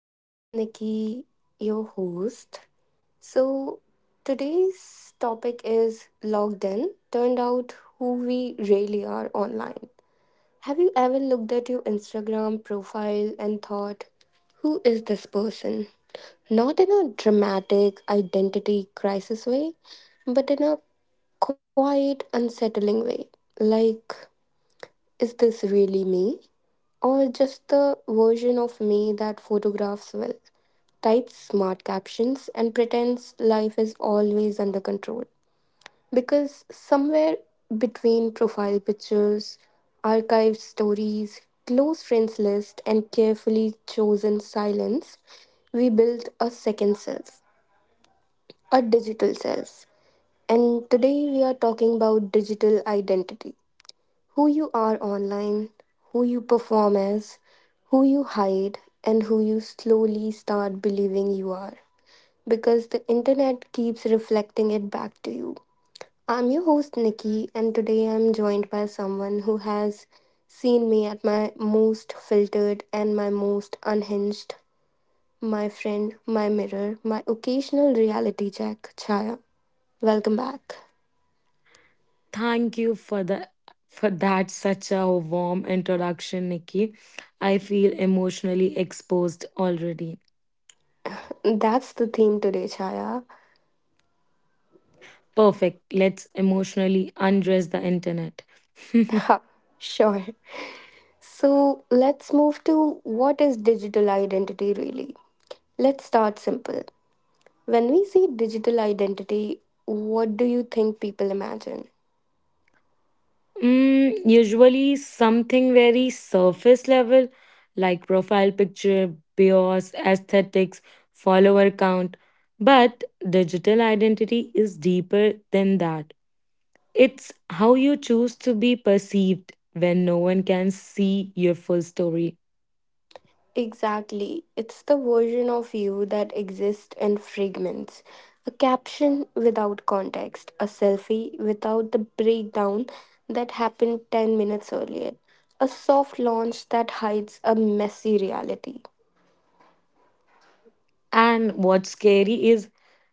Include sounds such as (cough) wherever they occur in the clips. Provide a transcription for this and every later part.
This is Nikki, your host. So, today's topic is logged in, turned out who we really are online. Have you ever looked at your Instagram profile and thought, who is this person? Not in a dramatic identity crisis way, but in a quiet, unsettling way. Like, is this really me? Or just the version of me that photographs well, types smart captions, and pretends life is always under control. Because somewhere between profile pictures, archived stories, close friends list, and carefully chosen silence, we built a second self, a digital self. And today we are talking about digital identity, who you are online, who you perform as, who you hide, and who you slowly start believing you are. Because the internet keeps reflecting it back to you. I'm your host, Nikki, and today I'm joined by someone who has seen me at my most filtered and my most unhinged. My friend, my mirror, my occasional reality check, Chaya. Welcome back. Thank you for that such a warm introduction, Nikki. I feel emotionally exposed already. That's the theme today, Chaya. (laughs) Perfect. Let's emotionally undress the internet. (laughs) Ha, sure. So let's move to what is digital identity really? Let's start simple. When we see digital identity, what do you think people imagine? Usually something very surface level, like profile picture, bios, aesthetics, follower count. But digital identity is deeper than that. It's how you choose to be perceived when no one can see your full story. Exactly. It's the version of you that exists in fragments. A caption without context, a selfie without the breakdown that happened 10 minutes earlier, a soft launch that hides a messy reality. And what's scary is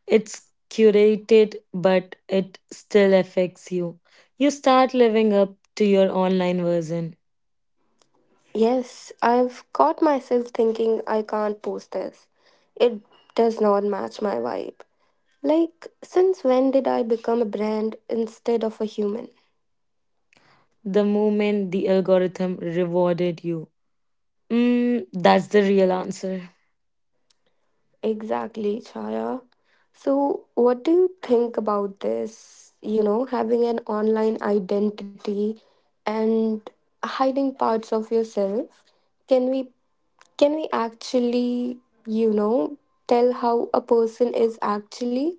it's curated, but it still affects you. You start living up to your online version Yes, I've caught myself thinking I can't post this. It does not match my vibe. Like, since when did I become a brand instead of a human? the moment the algorithm rewarded you. That's the real answer. Exactly, Chaya. So, what do you think about this? You know, having an online identity and hiding parts of yourself. Can we actually, you know, tell how a person is actually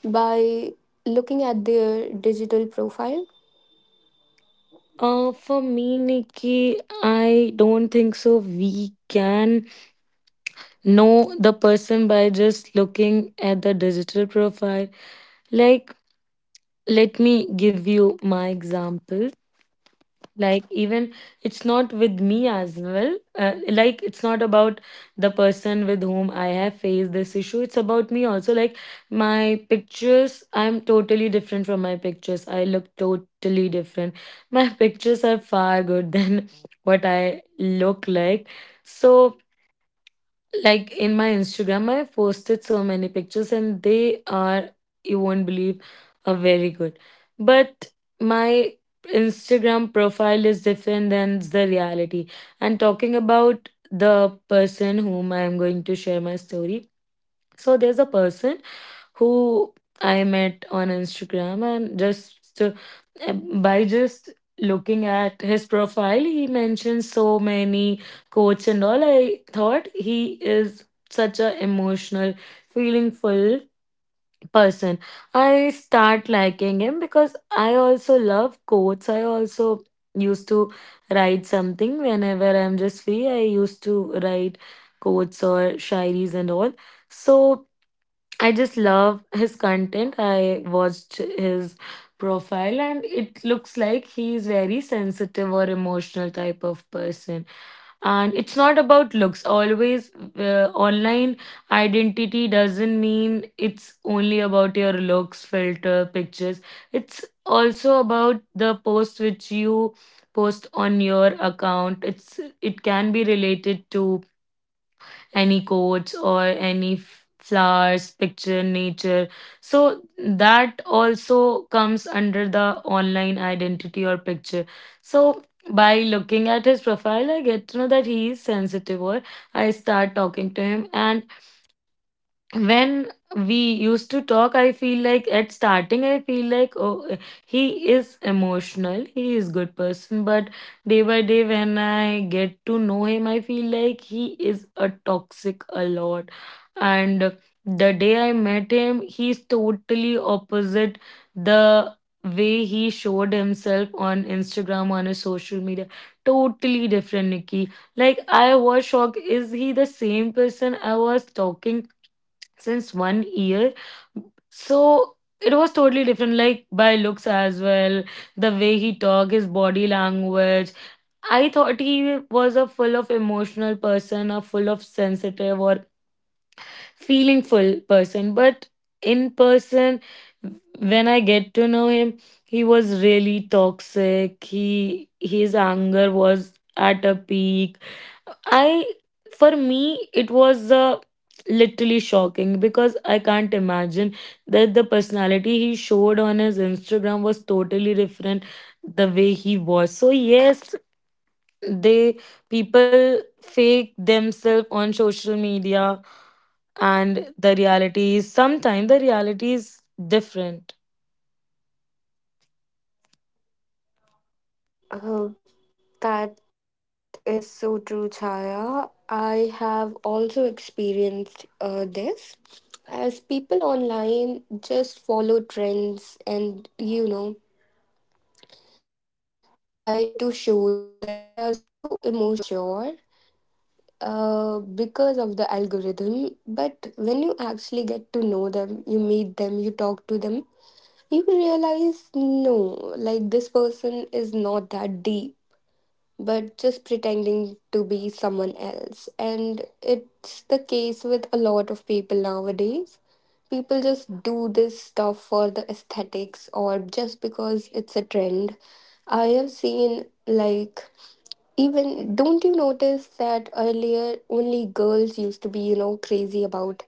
by looking at their digital profile? For me, Nikki, I don't think so. We can know the person by just looking at the digital profile. Like, let me give you my example. Like, even it's not with me as well. Like, it's not about the person with whom I have faced this issue. It's about me also. Like, my pictures, I'm totally different from my pictures. I look totally different. My (laughs) pictures are far good than what I look like. So, like in my Instagram, I posted so many pictures and they are, you won't believe, are very good. But my Instagram profile is different than the reality. And talking about the person whom I am going to share my story. So there's a person who I met on Instagram, and just by just looking at his profile, he mentioned so many quotes and all. I thought he is such a emotional, feeling full person. I start liking him because I also love quotes. I also used to write something whenever I'm just free. I used to write quotes or shairis and all. So I just love his content. I watched his profile and it looks like he's very sensitive or emotional type of person. And it's not about looks. Always online identity doesn't mean it's only about your looks, filter, pictures. It's also about the post which you post on your account. It can be related to any quotes or any flowers, picture, nature. So that also comes under the online identity or picture. So by looking at his profile, I get to know that he is sensitive or I start talking to him and when we used to talk, I feel like at starting I feel like, oh, he is emotional, he is good person, but day by day when I get to know him, I feel like he is a toxic a lot. And the day I met him, he's totally opposite. The way he showed himself on Instagram, on his social media, totally different, Nikki. Like, I was shocked. Is he the same person I was talking since 1 year? So it was totally different, like by looks as well, the way he talked, his body language. I thought he was a full of emotional person, a full of sensitive or feeling full person. But in person, when I get to know him, he was really toxic. He his anger was at a peak. I for me it was literally shocking because I can't imagine that the personality he showed on his Instagram was totally different the way he was. So yes, they people fake themselves on social media, and the reality is sometimes the reality is different. Oh, that is so true, Chaya. I have also experienced this. As people online just follow trends and, you know, try to show that they are so emotionally mature because of the algorithm. But when you actually get to know them, you meet them, you talk to them, you realize no, like this person is not that deep but just pretending to be someone else. And it's the case with a lot of people nowadays. People just do this stuff for the aesthetics or just because it's a trend. I have seen, like, even don't you notice that earlier only girls used to be, you know, crazy about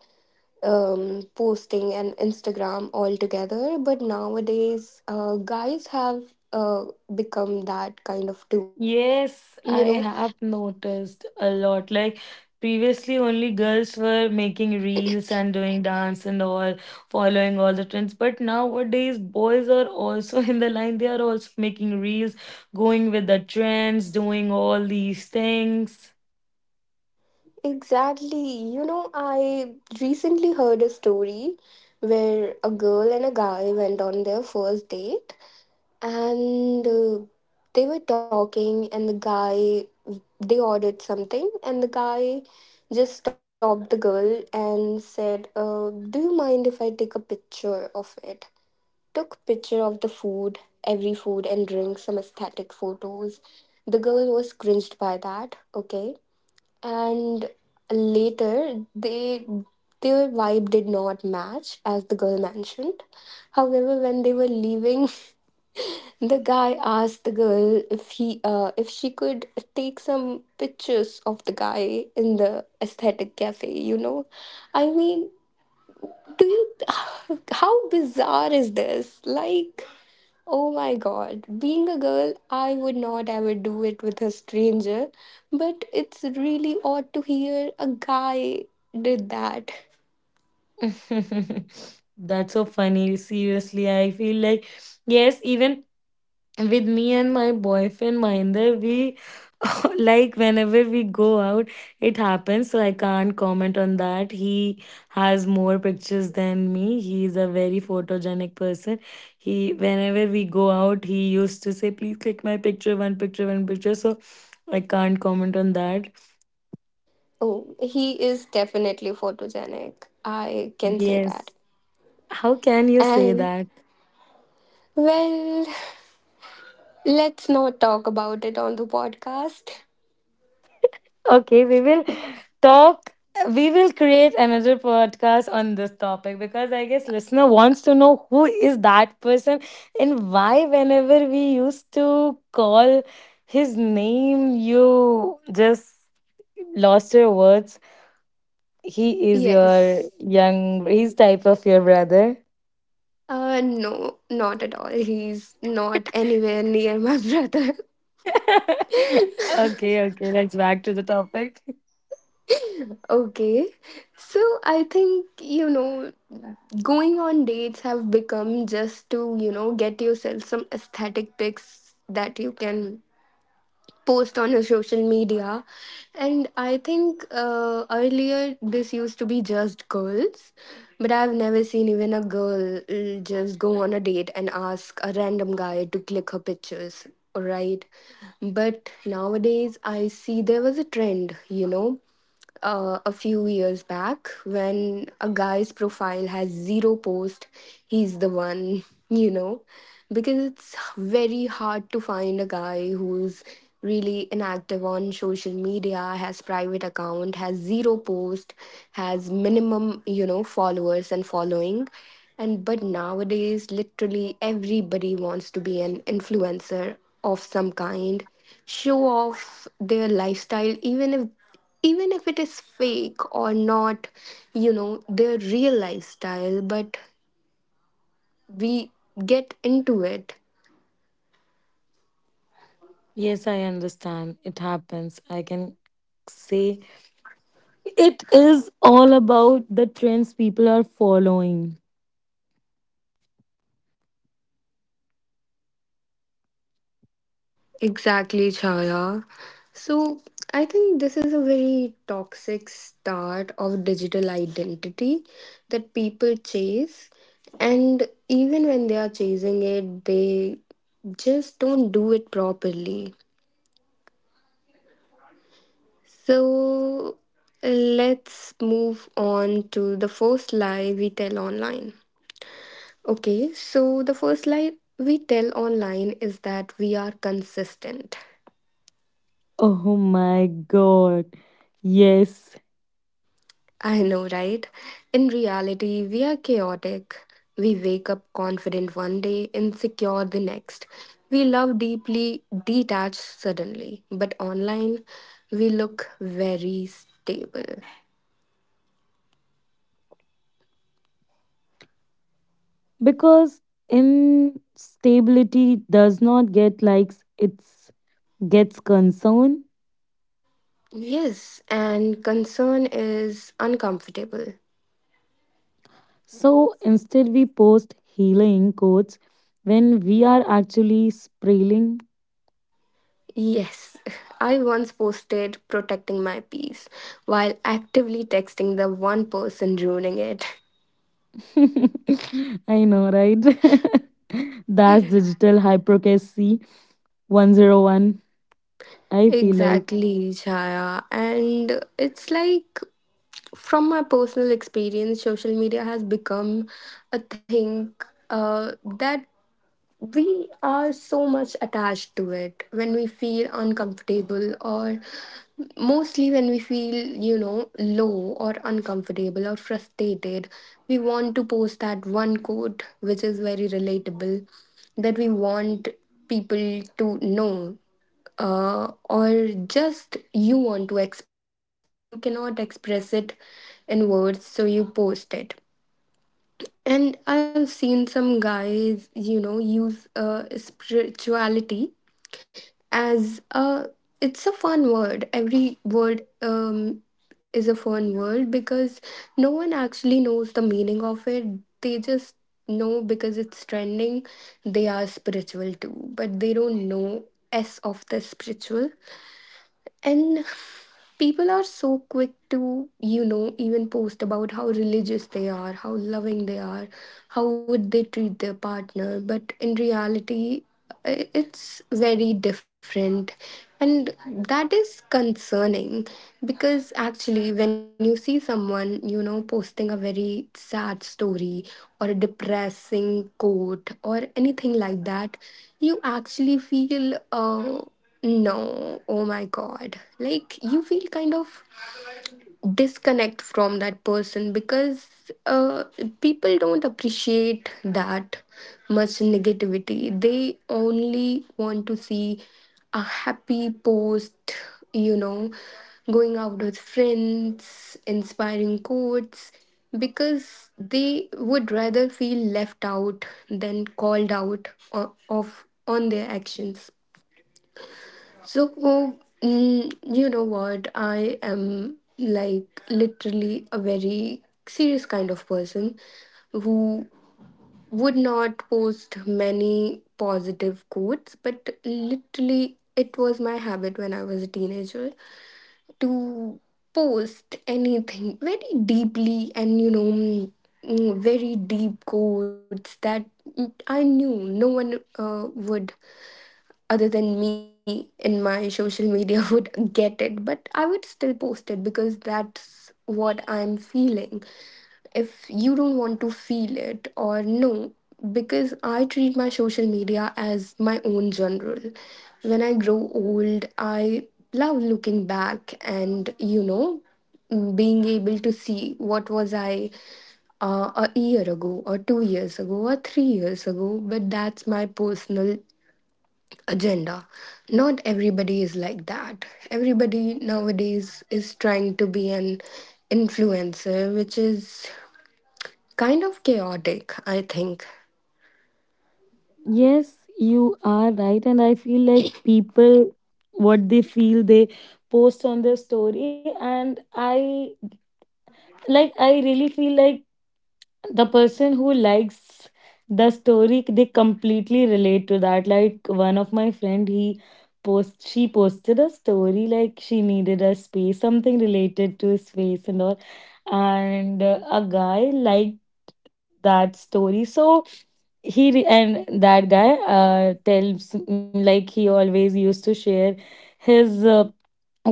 posting and Instagram altogether, but nowadays guys have uh, become that kind of too, Yes, I you know. have noticed a lot. Like previously, only girls were making reels and doing dance and all, following all the trends. But nowadays, boys are also (laughs) in the line. They are also making reels, going with the trends, doing all these things. Exactly. You know, I recently heard a story where a girl and a guy went on their first date and they were talking and they ordered something and the guy just stopped the girl and said, "Do you mind if I take a picture of it?" Took picture of the food, every food and drink, some aesthetic photos. The girl was cringed by that, okay? And later they their vibe did not match as the girl mentioned. However, when they were leaving, (laughs) the guy asked the girl if she could take some pictures of the guy in the aesthetic cafe, you know. I mean, do you, (sighs) how bizarre is this? Like, oh my god, being a girl, I would not ever do it with a stranger, but it's really odd to hear a guy did that. (laughs) That's so funny. Seriously, I feel like, yes, even with me and my boyfriend Mahinder, we (laughs) like whenever we go out, it happens. So I can't comment on that. He has more pictures than me. He is a very photogenic person. He whenever we go out, he used to say, "Please click my picture, one picture, one picture." So I can't comment on that. Oh, he is definitely photogenic. I can say that. Yes. How can you say And, that? well, let's not talk about it on the podcast. Okay, talk we will create another podcast on this topic, because I guess listener wants to know who is that person, and why whenever we used to call his name you just lost your words. He is your Yes. young, he's type of your brother. No, not at all. He's not anywhere near my (laughs) brother. (laughs) Okay, okay, let's back to the topic. Okay. So I think, you know, going on dates have become just to, you know, get yourself some aesthetic pics that you can post on your social media. And I think earlier this used to be just girls, but I've never seen even a girl just go on a date and ask a random guy to click her pictures, right? But nowadays, I see there was a trend, you know, a few years back when a guy's profile has zero post, he's the one, (laughs) you know, because it's very hard to find a guy who's really inactive on social media, has private account, has zero post, has minimum, you know, followers and following. And but nowadays literally everybody wants to be an influencer of some kind, show off their lifestyle, even if it is fake or not, you know, their real lifestyle, but we get into it. Yes, I understand, it happens. I can say it is all about the trends people are following. Exactly, Chaya. So I think this is a very toxic start of digital identity that people chase, and even when they are chasing it, they just don't do it properly. So let's move on to the first lie we tell online. Okay, so the first lie we tell online is that we are consistent. Oh my god. Yes. I know, right? In reality, we are chaotic. We wake up confident one day, insecure the next. We love deeply, detached suddenly. But online, we look very stable. Because instability does not get likes, it gets concern. Yes, and concern is uncomfortable. So instead, we post healing quotes when we are actually spraying. Yes, (laughs) I once posted protecting my peace while actively texting the one person ruining it. (laughs) (laughs) I know, right? (laughs) That's digital hypocrisy 101. I feel like. Exactly, Chaya. And it's like from my personal experience, social media has become a thing that we are so much attached to it when we feel uncomfortable or mostly when we feel, you know, low or uncomfortable or frustrated, we want to post that one quote which is very relatable, that we want people to know, or just you want to express it but you cannot express it in words, so you post it. And I've seen some guys, you know, use spirituality as a, it's a fun word. Every word is a fun word because no one actually knows the meaning of it. They just know because it's trending, they are spiritual too, but they don't know S of the spiritual. And people are so quick to, you know, even post about how religious they are, how loving they are, how would they treat their partner. But in reality, it's very different. And that is concerning because actually, when you see someone, you know, posting a very sad story or a depressing quote or anything like that, you actually feel. No, oh my god. Like you feel kind of disconnect from that person because people don't appreciate that much negativity. They only want to see a happy post, you know, going out with friends, inspiring quotes, because they would rather feel left out than called out o- of on their actions. So, oh, you know what? I am like literally a very serious kind of person who would not post many positive quotes, but literally, it was my habit when I was a teenager to post anything very deeply, and very deep quotes that I knew no one would, other than me in my social media, (laughs) would get it, but I would still post it because that's what I'm feeling. If you don't want to feel it or no, because I treat my social media as my own journal. When I grow old, I love looking back and, you know, being able to see what was I a year ago or 2 years ago or 3 years ago, but that's my personal agenda. Not everybody is like that. Everybody nowadays is trying to be an influencer, which is kind of chaotic, I think. Yes, you are right. And I feel like people, what they feel, they post on their story. And I like, I really feel like the person who likes the story, they completely relate to that. Like, one of my friend, he post she posted a story like she needed a space, something related to space and all, and a guy liked that story. So and that guy tells like he always used to share his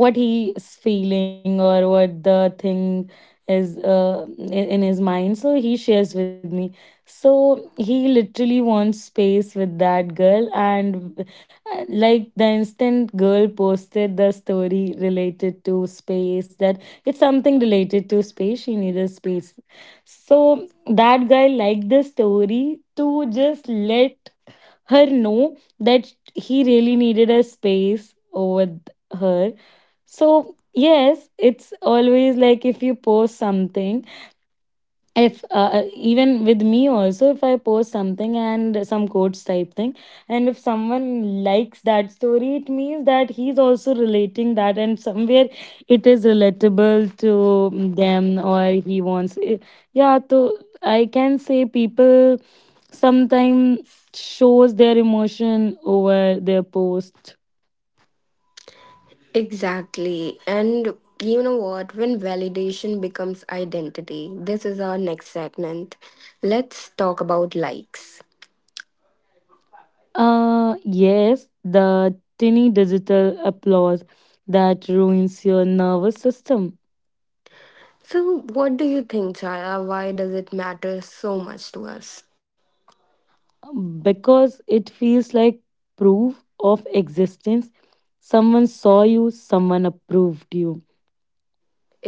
what he is feeling or what the thing is in his mind, so he shares with me. So he literally wants space with that girl, and like the instant girl posted the story related to space, that it's something related to space, she needed space. So that guy liked the story to just let her know that he really needed a space with her. So, yes, it's always like if you post something, if even with me also, if I post something and some quotes type thing, and if someone likes that story, it means that he's also relating that, and somewhere it is relatable to them, or he wants, yeah. So, I can say people sometimes shows their emotion over their post. Exactly. And you know what? When validation becomes identity, this is our next segment. Let's talk about likes. Yes, the tinny digital applause that ruins your nervous system So, what do you think, Chaya? Why does it matter so much to us? because it feels like proof of existence. Someone saw you, someone approved you,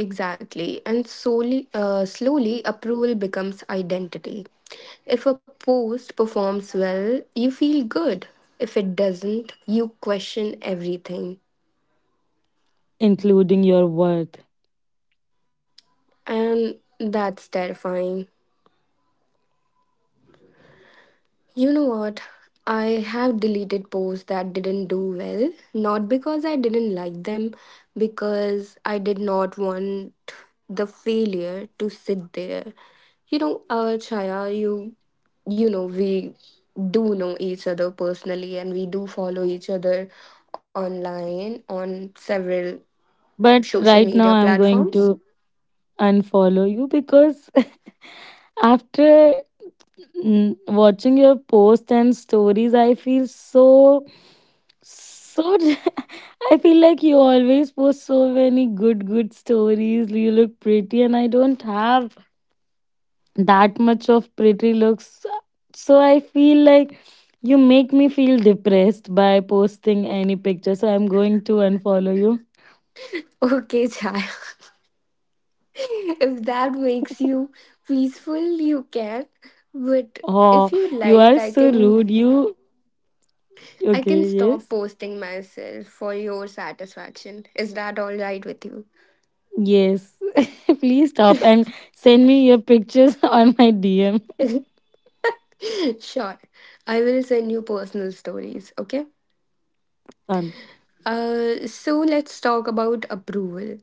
Exactly. And slowly, approval becomes identity. If a post performs well, you feel good. If it doesn't, you question everything. including your worth. And that's terrifying. You know what? I have deleted posts that didn't do well, not because I didn't like them, because I did not want the failure to sit there. You know, Chaya, you know, we do know each other personally and we do follow each other online on several But social right media now, I'm going platforms. (laughs) to unfollow you because (laughs) after watching your posts and stories, I feel so, so. (laughs) I feel like you always post so many good, good stories. You look pretty, and I don't have that much of pretty looks. So I feel like you make me feel depressed by posting any picture. So I'm going to unfollow you. Okay, Chaya, if that makes you peaceful, you can. But Oh, if you you like, are I so can, rude. You I can okay? stop Yes. posting myself for your satisfaction. Is that all right with you? Yes, (laughs) please stop and send me your pictures (laughs) on my DM. (laughs) Sure, I will send you personal stories, okay. Done. So let's talk about approval.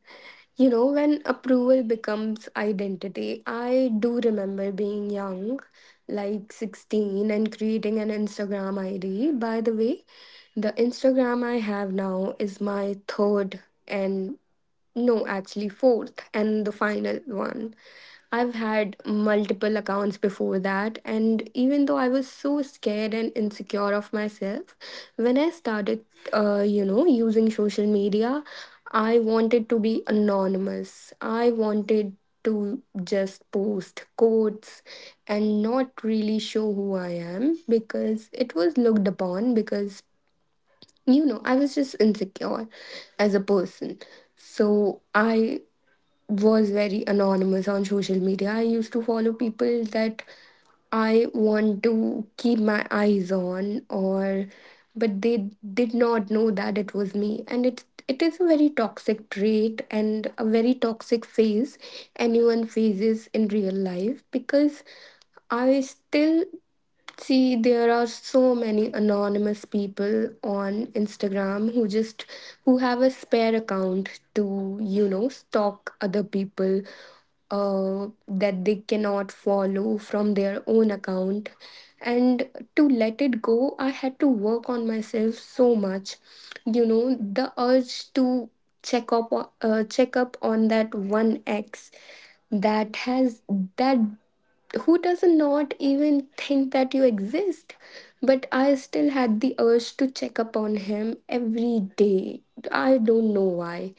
You know, when approval becomes identity, I do remember being young, like 16, and creating an Instagram ID. By the way, the Instagram I have now is my third and, no, actually, fourth and the final one. I've had multiple accounts before that, and even though I was so scared and insecure of myself, when I started, you know, using social media, I wanted to be anonymous. I wanted to just post quotes and not really show who I am because it was looked upon. Because I was just insecure as a person. So I was very anonymous on social media. I used to follow people that I want to keep my eyes on, or but they did not know that it was me. And it is a very toxic trait and a very toxic phase anyone faces in real life. Because I still see, there are so many anonymous people on Instagram who just who have a spare account to, stalk other people that they cannot follow from their own account. And to let it go, I had to work on myself so much. You know, the urge to check up on that one ex that has that who does not even think that you exist, but I still had the urge to check up on him every day. I don't know why,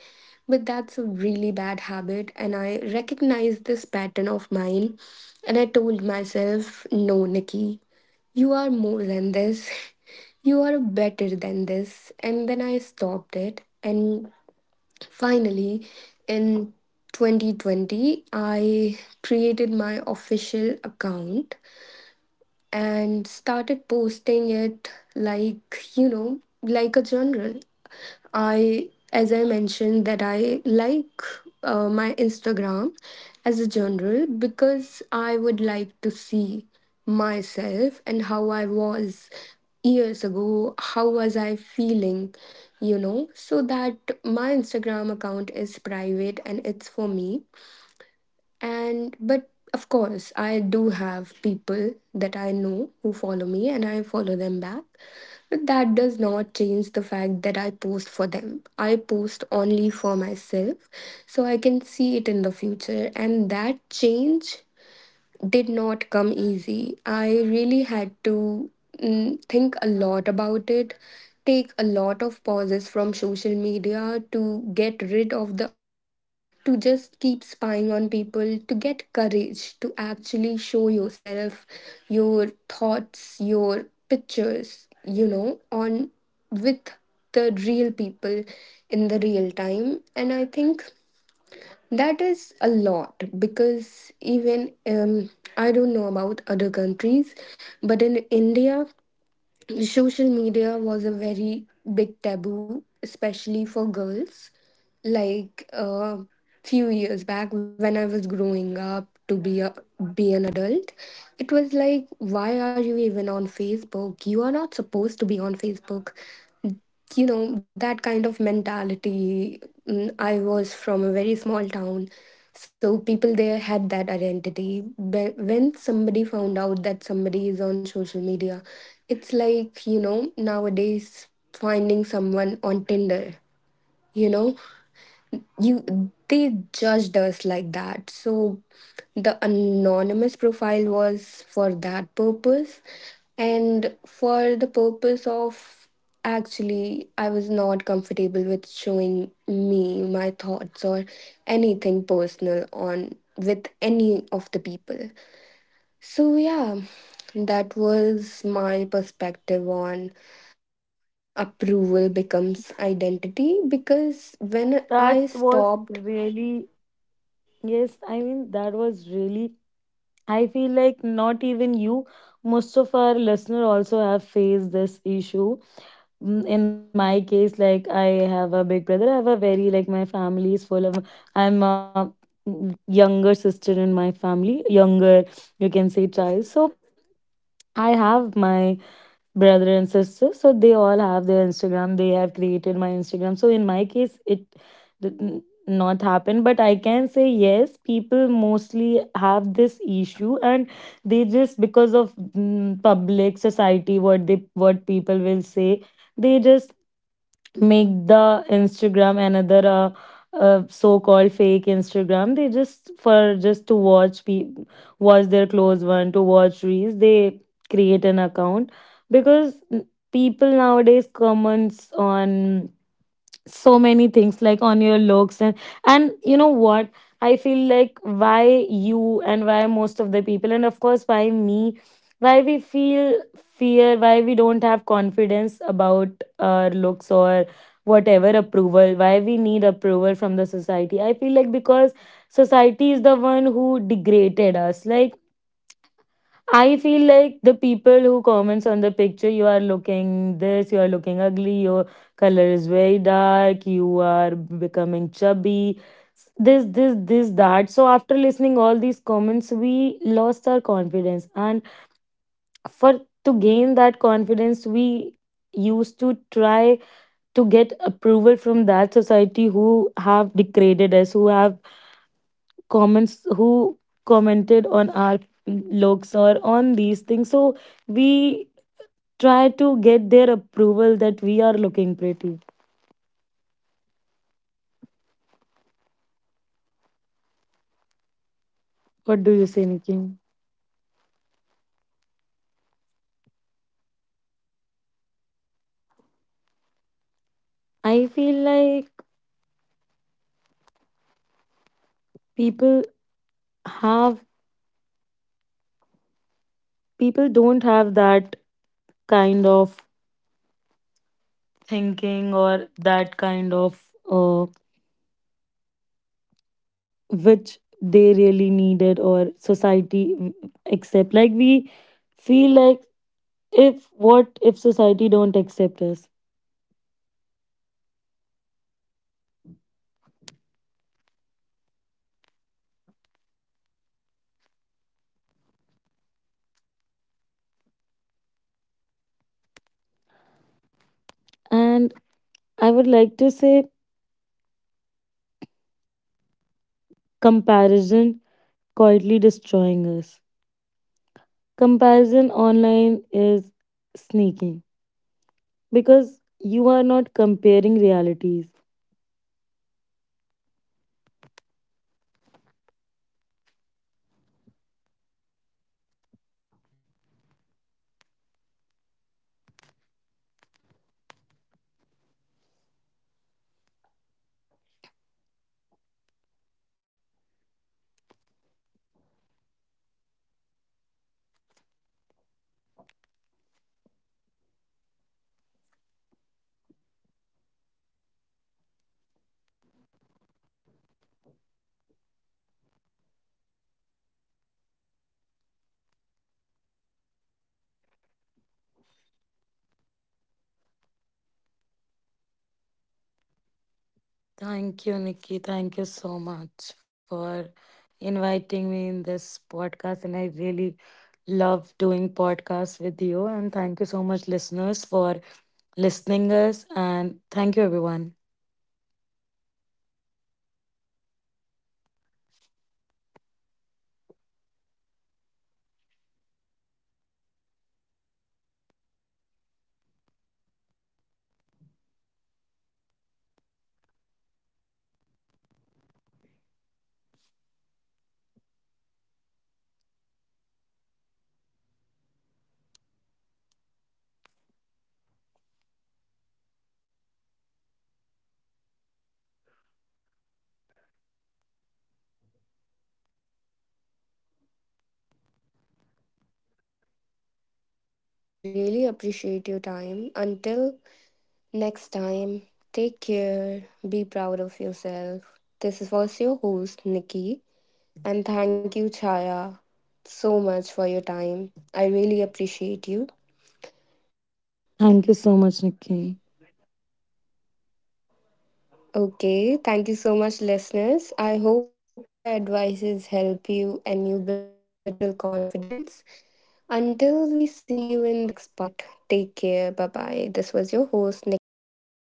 but that's a really bad habit. And I recognized this pattern of mine, and I told myself, no, Nikki, you are more than this. (laughs) You are better than this. And then I stopped it. And finally, in 2020, I created my official account and started posting it, like, you know, like a general I as I mentioned that I like my Instagram as a general because I would like to see myself and how I was years ago, how was I feeling, you know. So that, my Instagram account is private and it's for me. And but of course, I do have people that I know who follow me, and I follow them back. But that does not change the fact that I post for them. I post only for myself, so I can see it in the future. And that change did not come easy. I really had to think a lot about it, take a lot of pauses from social media to get rid of the urge to just keep spying on people, to get courage to actually show yourself, your thoughts, your pictures, you know, on with the real people in the real time. And I think that is a lot. Because even I don't know about other countries, but in India, social media was a very big taboo, especially for girls. Like a few years back, when I was growing up to be a be an adult, it was like, why are you even on Facebook? You are not supposed to be on Facebook. You know, that kind of mentality. I was from a very small town, so people there had that identity. But when somebody found out that somebody is on social media, it's like, you know, nowadays finding someone on Tinder, you know, you they judged us like that. So the anonymous profile was for that purpose, and for the purpose of, actually, I was not comfortable with showing me, my thoughts, or anything personal on with any of the people. So yeah, that was my perspective on, you know, approval becomes identity. Because when That I was stopped really, yes, I mean, that was really, I feel like not even you, most of our listener also have faced this issue. In my case, like I have a big brother, I have a very, like my family is full of, I'm a younger sister in my family, younger, you can say child. So I have my brother and sister, so they all have their Instagram, they have created my Instagram. So in my case it did not happen, but I can say yes, people mostly have this issue, and they just because of public society, what they what people will say, they just make the Instagram another so-called fake Instagram. They just for just to watch their close one, to watch reels. They create an account because people nowadays comments on so many things like on your looks. And you know what, I feel like why you and why most of the people, and of course why me, why we feel fear, why we don't have confidence about our looks or whatever approval, why we need approval from the society. I feel like because society is the one who degraded us. Like, I feel like the people who comments on the picture, you are looking this, you are looking ugly, your color is very dark, you are becoming chubby, this, that. So after listening all these comments, we lost our confidence. And for to gain that confidence, we used to try to get approval from that society who have degraded us, who have comments who commented on our looks or on these things. So we try to get their approval that we are looking pretty. exactly. I completely agree with you. And that is a What very do you say, toxic Nikki? trait. You know, people are actually scared to make their accounts public. And I personally feel like speaking, I I cannot even think of people going public have because yes, people because don't I have won't be that able to post, kind of you know, thinking very or openly. that kind of, uh, which they really needed, or society accept. Like, we feel like, if, what if society don't accept us. Exactly. That is so right. And I think, Chaya, that uh, this culture is very And bad I would like because to it say makes us feel. comparison quietly destroying us. Comparison online is sneaky because you are not comparing realities. Ch- Chaya, can you hear me? Thank you, Nikki. Thank you so much for inviting me in this podcast. And I really love doing podcasts with you. And thank you so much, listeners, for listening us. And thank you, everyone. Thank you so much for being here with us. We really appreciate your time. Until next time, take care, be proud of yourself. This was your host, Nikki, and thank you, Chaya, so much for your time. I really appreciate you. Thank you so much, Nikki. Okay, thank you so much, listeners. I hope our advices help you and you build a little confidence. Until we see you in the next part, take care. Bye bye. This was your host, Nikki, signing off.